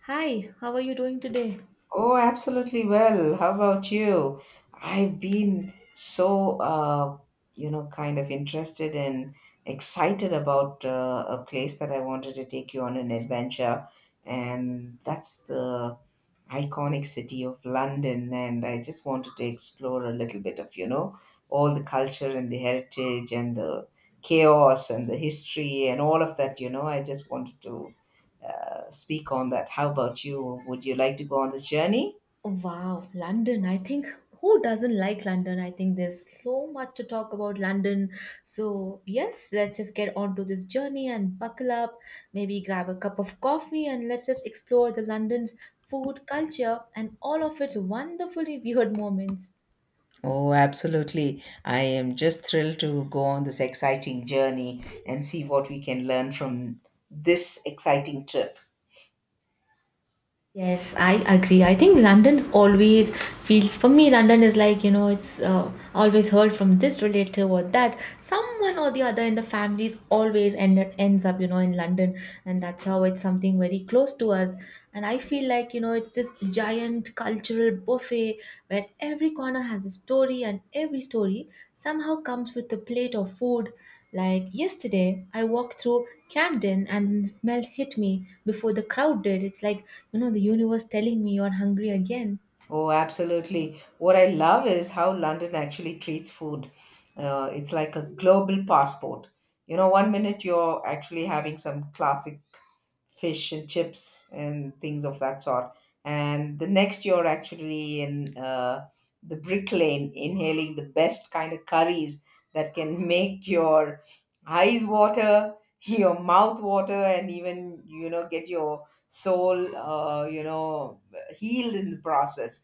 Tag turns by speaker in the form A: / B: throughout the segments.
A: Hi, how are you doing today?
B: Oh, absolutely well. How about you? I've been so, you know, kind of interested and excited about a place that I wanted to take you on an adventure, and that's the iconic city of London. And I just wanted to explore a little bit of, you know, all the culture and the heritage and the chaos and the history and all of that. I just wanted to. Uh, Speak on that. How about you? Would you like to go on this journey?
A: Oh, wow, London. I think who doesn't like London? I think there's so much to talk about London. So, yes, let's just get on to this journey and buckle up, maybe grab a cup of coffee and let's just explore the London's food culture and all of its wonderfully weird moments.
B: Oh, absolutely. I am just thrilled to go on this exciting journey and see what we can learn from this exciting trip.
A: Yes, I agree. I think London's always feels for me. London is like it's always heard from this relative or that. Someone or the other in the families always ended ends up in London, and that's how it's something very close to us. And I feel like it's this giant cultural buffet where every corner has a story, and every story somehow comes with a plate of food. Like yesterday, I walked through Camden and the smell hit me before the crowd did. It's like, the universe telling me you're hungry again.
B: Oh, absolutely. What I love is how London actually treats food. It's like a global passport. You know, one minute you're actually having some classic fish and chips and things of that sort. And the next you're actually in the brick lane, inhaling the best kind of curries that can make your eyes water, your mouth water, and even get your soul healed in the process.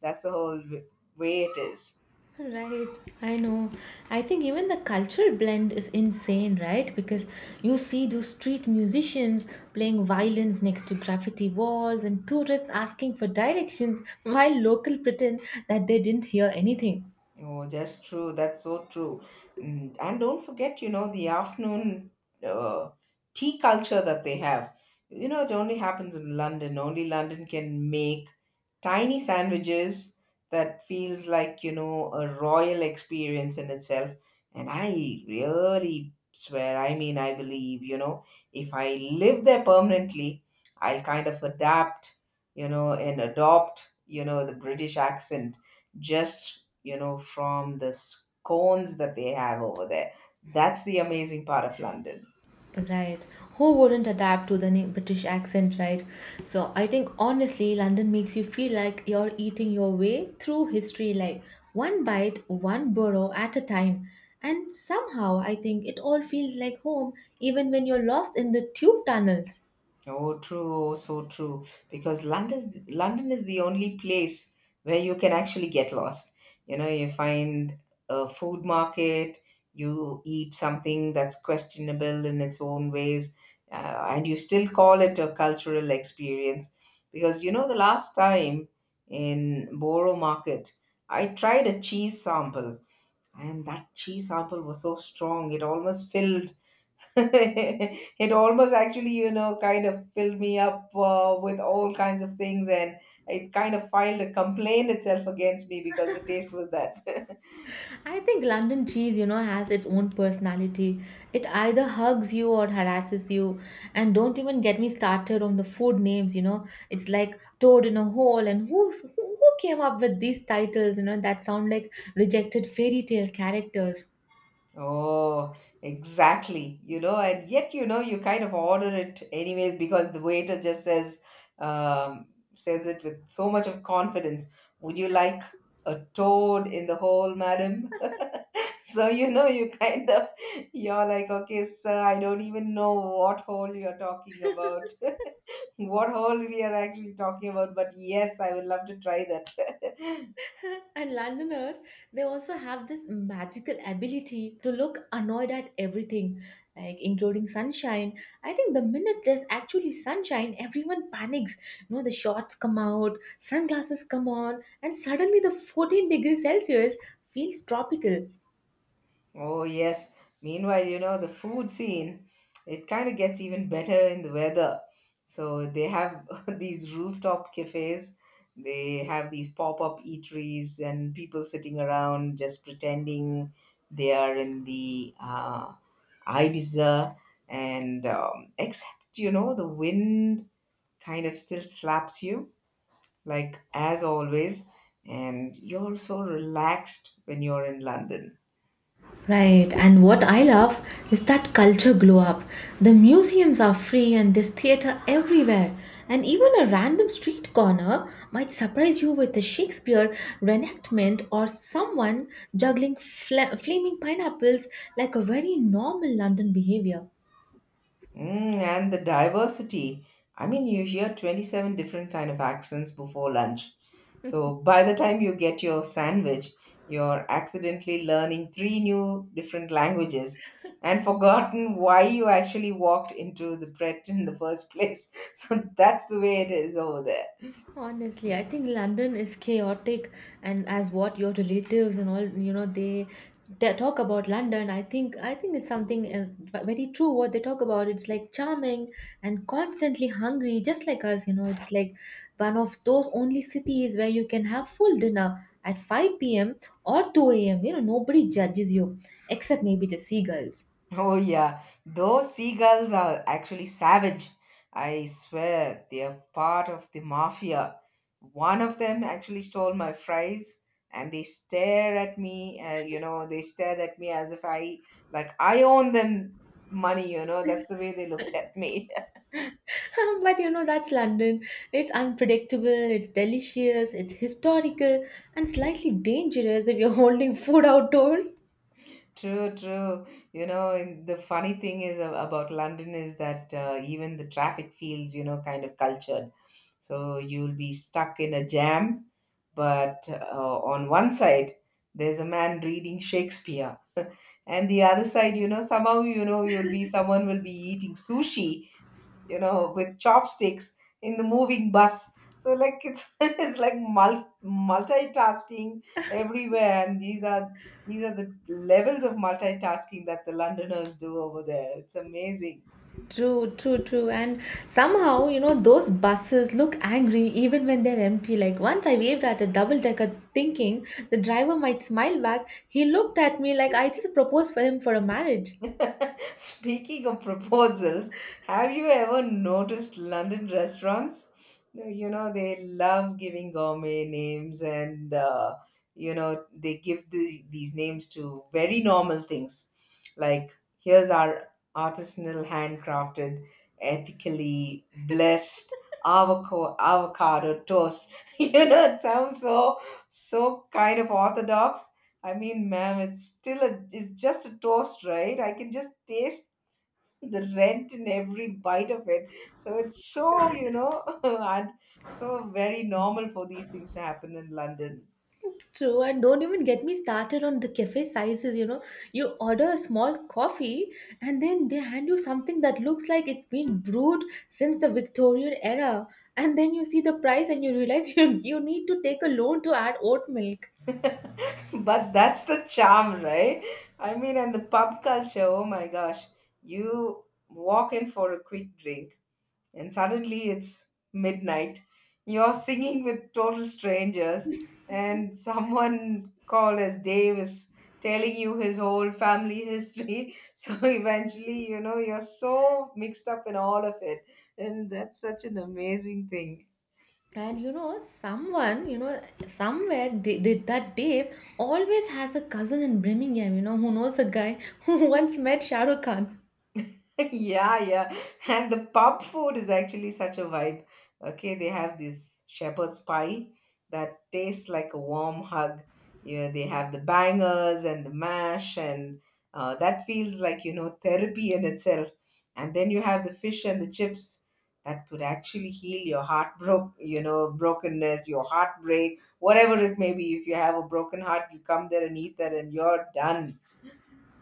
B: That's the whole w- way it is.
A: Right, I know. I think even the cultural blend is insane, right? Because you see those street musicians playing violins next to graffiti walls and tourists asking for directions while local pretend that they didn't hear anything.
B: Oh, just true. That's so true. Mm, and don't forget, you know, the afternoon uh, tea culture that they have. You know, it only happens in London. Only London can make tiny sandwiches that feels like, you know, a royal experience in itself. And I really swear, I mean, I believe, you know, if I live there permanently, I'll kind of adapt, you know, and adopt, you know, the British accent just you know, from the scones that they have over there. That's the amazing part of London.
A: Right. Who wouldn't adapt to the new British accent, right? So I think honestly, London makes you feel like you're eating your way through history, like one bite, one borough at a time. And somehow I think it all feels like home, even when you're lost in the tube tunnels.
B: Oh, true, oh, so true. Because London is the only place where you can actually get lost. You know, you find a food market, you eat something that's questionable in its own ways, and you still call it a cultural experience. Because you know, the last time in Borough Market, I tried a cheese sample and that cheese sample was so strong it almost filled it almost actually kind of filled me up with all kinds of things and it kind of filed a complaint itself against me because the taste was that.
A: I think London cheese, has its own personality. It either hugs you or harasses you. And don't even get me started on the food names. It's like toad in a hole and who came up with these titles that sound like rejected fairy tale characters.
B: Oh exactly, you know, and yet you know you kind of order it anyways because the waiter just um, says it with so much of confidence. Would you like a toad in the hole, madam? So you know, you kind of you're like, okay, sir, I don't even know what hole you're talking about, what hole we are actually talking about. But yes, I would love to try that.
A: And Londoners, they also have this magical ability to look annoyed at everything, like including sunshine. I think the minute there's actually sunshine, everyone panics. You know, the shorts come out, sunglasses come on, and suddenly the 14 degrees Celsius feels tropical.
B: Oh, yes. Meanwhile, you know, the food scene, it kind of gets even better in the weather. So they have these rooftop cafes, they have these pop up eateries, and people sitting around just pretending they are in the Ibiza. And except, you know, the wind kind of still slaps you, like as always. And you're so relaxed when you're in London.
A: Right, and what I love is that culture glow up. The museums are free and there's theatre everywhere. And even a random street corner might surprise you with a Shakespeare reenactment or someone juggling flaming pineapples like a very normal London behavior.
B: Mm, and the diversity. I mean, you hear 27 different kind of accents before lunch. So by the time you get your sandwich, you're accidentally learning three new different languages and forgotten why you actually walked into the Pret in the first place. So that's the way it is over there.
A: Honestly, I think London is chaotic, and as what your relatives and all, they talk about London. I think it's something very true. What they talk about, it's like charming and constantly hungry, just like us. You know, it's like one of those only cities where you can have full dinner at 5 p.m. or 2 a.m. You know, nobody judges you except maybe the seagulls.
B: Oh, yeah. Those seagulls are actually savage. I swear they are part of the mafia. One of them actually stole my fries and they stare at me, they stared at me as if I, like, I own them money, you know, that's the way they looked at me.
A: But you know, that's London. It's unpredictable, it's delicious, it's historical, and slightly dangerous if you're holding food outdoors.
B: True, true. You know, and the funny about London is that even the traffic feels, you know, kind of cultured. So you'll be stuck in a jam, but on one side, there's a man reading Shakespeare. And the other side, you know, somehow, you know, you'll be someone will be eating sushi you know, with chopsticks in the moving bus. So like it's it's like multitasking everywhere, and these are the levels of multitasking that the Londoners do over there. It's amazing.
A: True, true, true. And somehow, you know, those buses look angry even when they're empty. Like once I waved at a double decker thinking the driver might smile back, he looked at me like I just proposed for him for a marriage.
B: Speaking of proposals, have you ever noticed London restaurants? No, you know, they love giving gourmet names and you know, they give these names to very normal things. Like, here's our artisanal, handcrafted, ethically blessed avocado toast. You know, it sounds so kind of orthodox. I mean, ma'am, it's still it's just a toast, right? I can just taste the rent in every bite of it. So it's so, you know, and so very normal for these things to happen in London.
A: True, and don't even get me started on the cafe sizes. You know, you order a small coffee and then they hand you something that looks like it's been brewed since the Victorian era. And then you see the price and you realize you need to take a loan to add oat milk.
B: But that's the charm, right? I mean, and the pub culture, oh my gosh, you walk in for a quick drink and suddenly it's midnight. You're singing with total strangers, and someone called as Dave is telling you his whole family history. So eventually, you know, you're so mixed up in all of it. And that's such an amazing thing.
A: And somewhere they did that Dave always has a cousin in Birmingham, you know, who knows a guy who once met Shah Rukh Khan.
B: Yeah, yeah. And the pub food is actually such a vibe. Okay, they have this shepherd's pie that tastes like a warm hug. Yeah, they have the bangers and the mash, and that feels like, you know, therapy in itself. And then you have the fish and the chips that could actually heal your heart broke. You know, brokenness, your heartbreak, whatever it may be. If you have a broken heart, you come there and eat that, and you're done.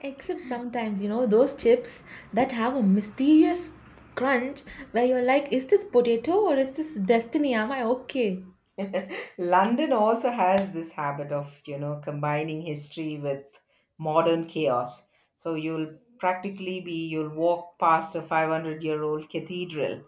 A: Except sometimes, you know, those chips that have a mysterious crunch where you're like, is this potato or is this destiny? Am I okay?
B: London also has this habit of, you know, combining history with modern chaos. So you'll walk past a 500-year-old cathedral,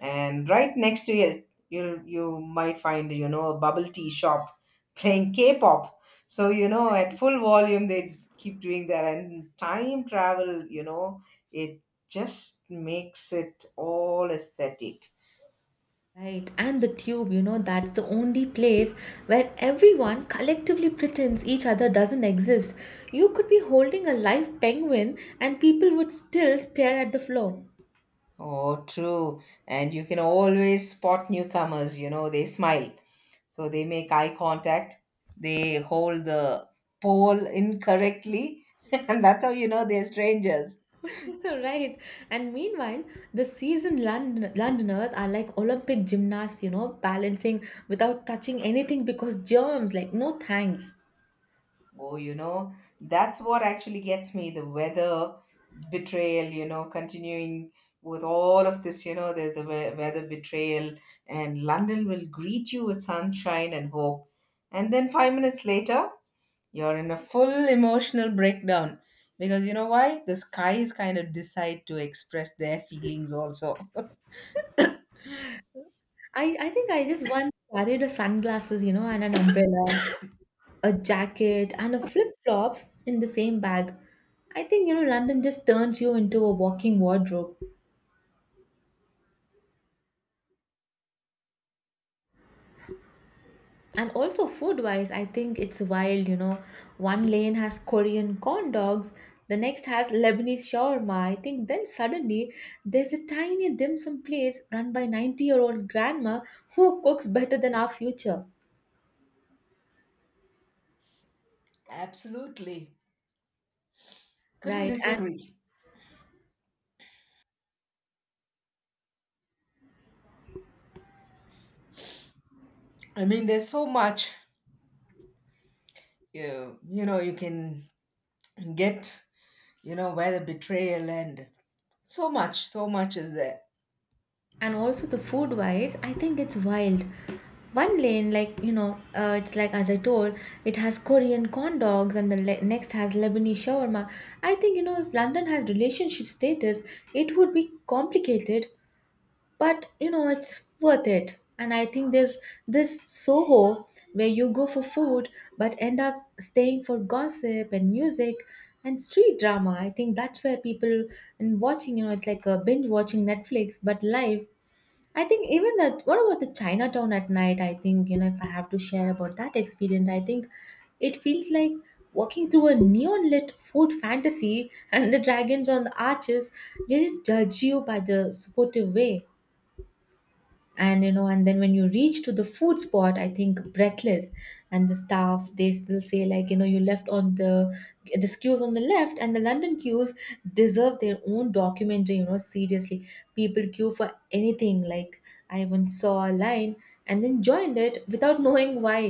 B: and right next to it, you might find, you know, a bubble tea shop playing K pop. So, you know, at full volume, they keep doing that. And time travel, you know, it just makes it all aesthetic.
A: Right. And the tube, you know, that's the only place where everyone collectively pretends each other doesn't exist. You could be holding a live penguin and people would still stare at the floor.
B: Oh, true. And you can always spot newcomers, you know, they smile. So they make eye contact, they hold the pole incorrectly, and that's how you know they're strangers.
A: Right, and meanwhile the seasoned londoners are like olympic gymnasts, you know, balancing without touching anything because germs, like, no thanks.
B: Oh, you know, that's what actually gets me, the weather betrayal, you know, continuing with all of this, you know, there's weather betrayal, and London will greet you with sunshine and hope. And then 5 minutes later, you're in a full emotional breakdown because you know why? The skies kind of decide to express their feelings also.
A: I think I just once carried a sunglasses, you know, and an umbrella, a jacket and a flip flops in the same bag. I think, you know, London just turns you into a walking wardrobe. And also food wise, I think it's wild, you know, one lane has korean corn dogs, the next has lebanese shawarma. I think then suddenly there's a tiny dim sum place run by 90 year old grandma who cooks better than our future.
B: Absolutely. Couldn't
A: Right. and
B: disagree. I mean, there's so much you know you can get, you know, where the betrayal and so much, so much is there.
A: and also the food wise, I think it's wild. One lane, like, it's like, as I told, it has korean corn dogs and the next has lebanese shawarma. I think, you know, if london has relationship status, it would be complicated. But you know, it's worth it. And I think there's this soho where you go for food but end up staying for gossip and music and street drama. I think that's where people and watching, you know, it's like a binge watching netflix but live. I think even that, what about the chinatown at night? I think, you know, if I have to share about that experience, I think it feels like walking through a neon lit food fantasy. And the dragons on the arches, they just judge you by the supportive way. And you know, and then when you reach to the food spot, I think breathless. And the staff, they still say, like, you left on the this queues on the left. And the london queues deserve their own documentary, you know. Seriously, people queue for anything, like, I even saw a line and then joined it without knowing why.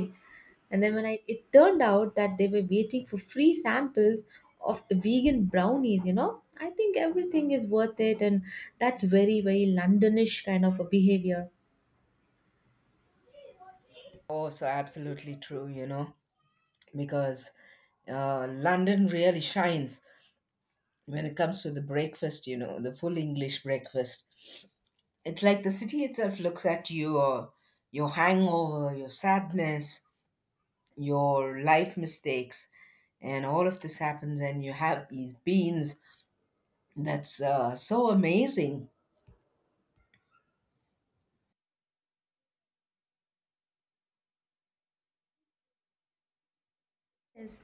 A: And then when I it turned out that they were waiting for free samples of vegan brownies, you know, I think everything is worth it. And that's very very londonish kind of a behavior.
B: Oh, so absolutely true, you know, because London really shines when it comes to the breakfast, you know, the full English breakfast. It's like the city itself looks at you, or your hangover, your sadness, your life mistakes, and all of this happens, and you have these beans. That's so amazing.
A: Yes,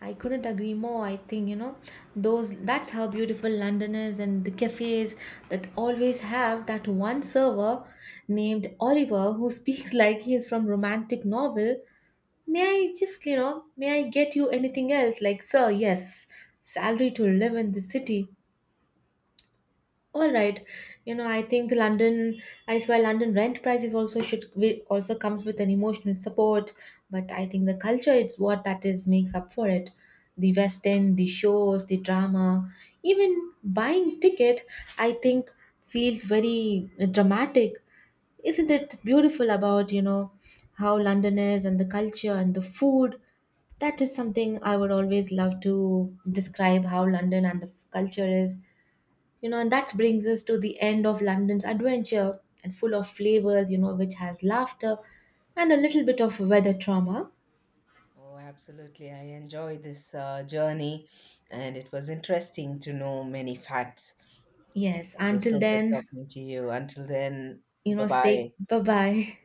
A: I couldn't agree more. I think, you know, those that's how beautiful London is and the cafes that always have that one server named Oliver who speaks like he is from romantic novel. May I just, you know, may I get you anything else? Like, sir, yes, salary to live in the city. All right, you know I think London. I swear London rent prices also should we also comes with an emotional support, but I think the culture is what that is makes up for it. The West End, the shows, the drama, even buying ticket, I think feels very dramatic. Isn't it beautiful about you know how London is and the culture and the food? That is something I would always love to describe how London and the culture is. You know, and that brings us to the end of London's adventure and full of flavors, you know, which has laughter and a little bit of weather trauma.
B: Oh, absolutely. I enjoy this journey, and it was interesting to know many facts.
A: Yes,
B: It was
A: until
B: so good
A: then,
B: talking to you. Until then,
A: you
B: bye
A: know, stay
B: bye.
A: bye bye.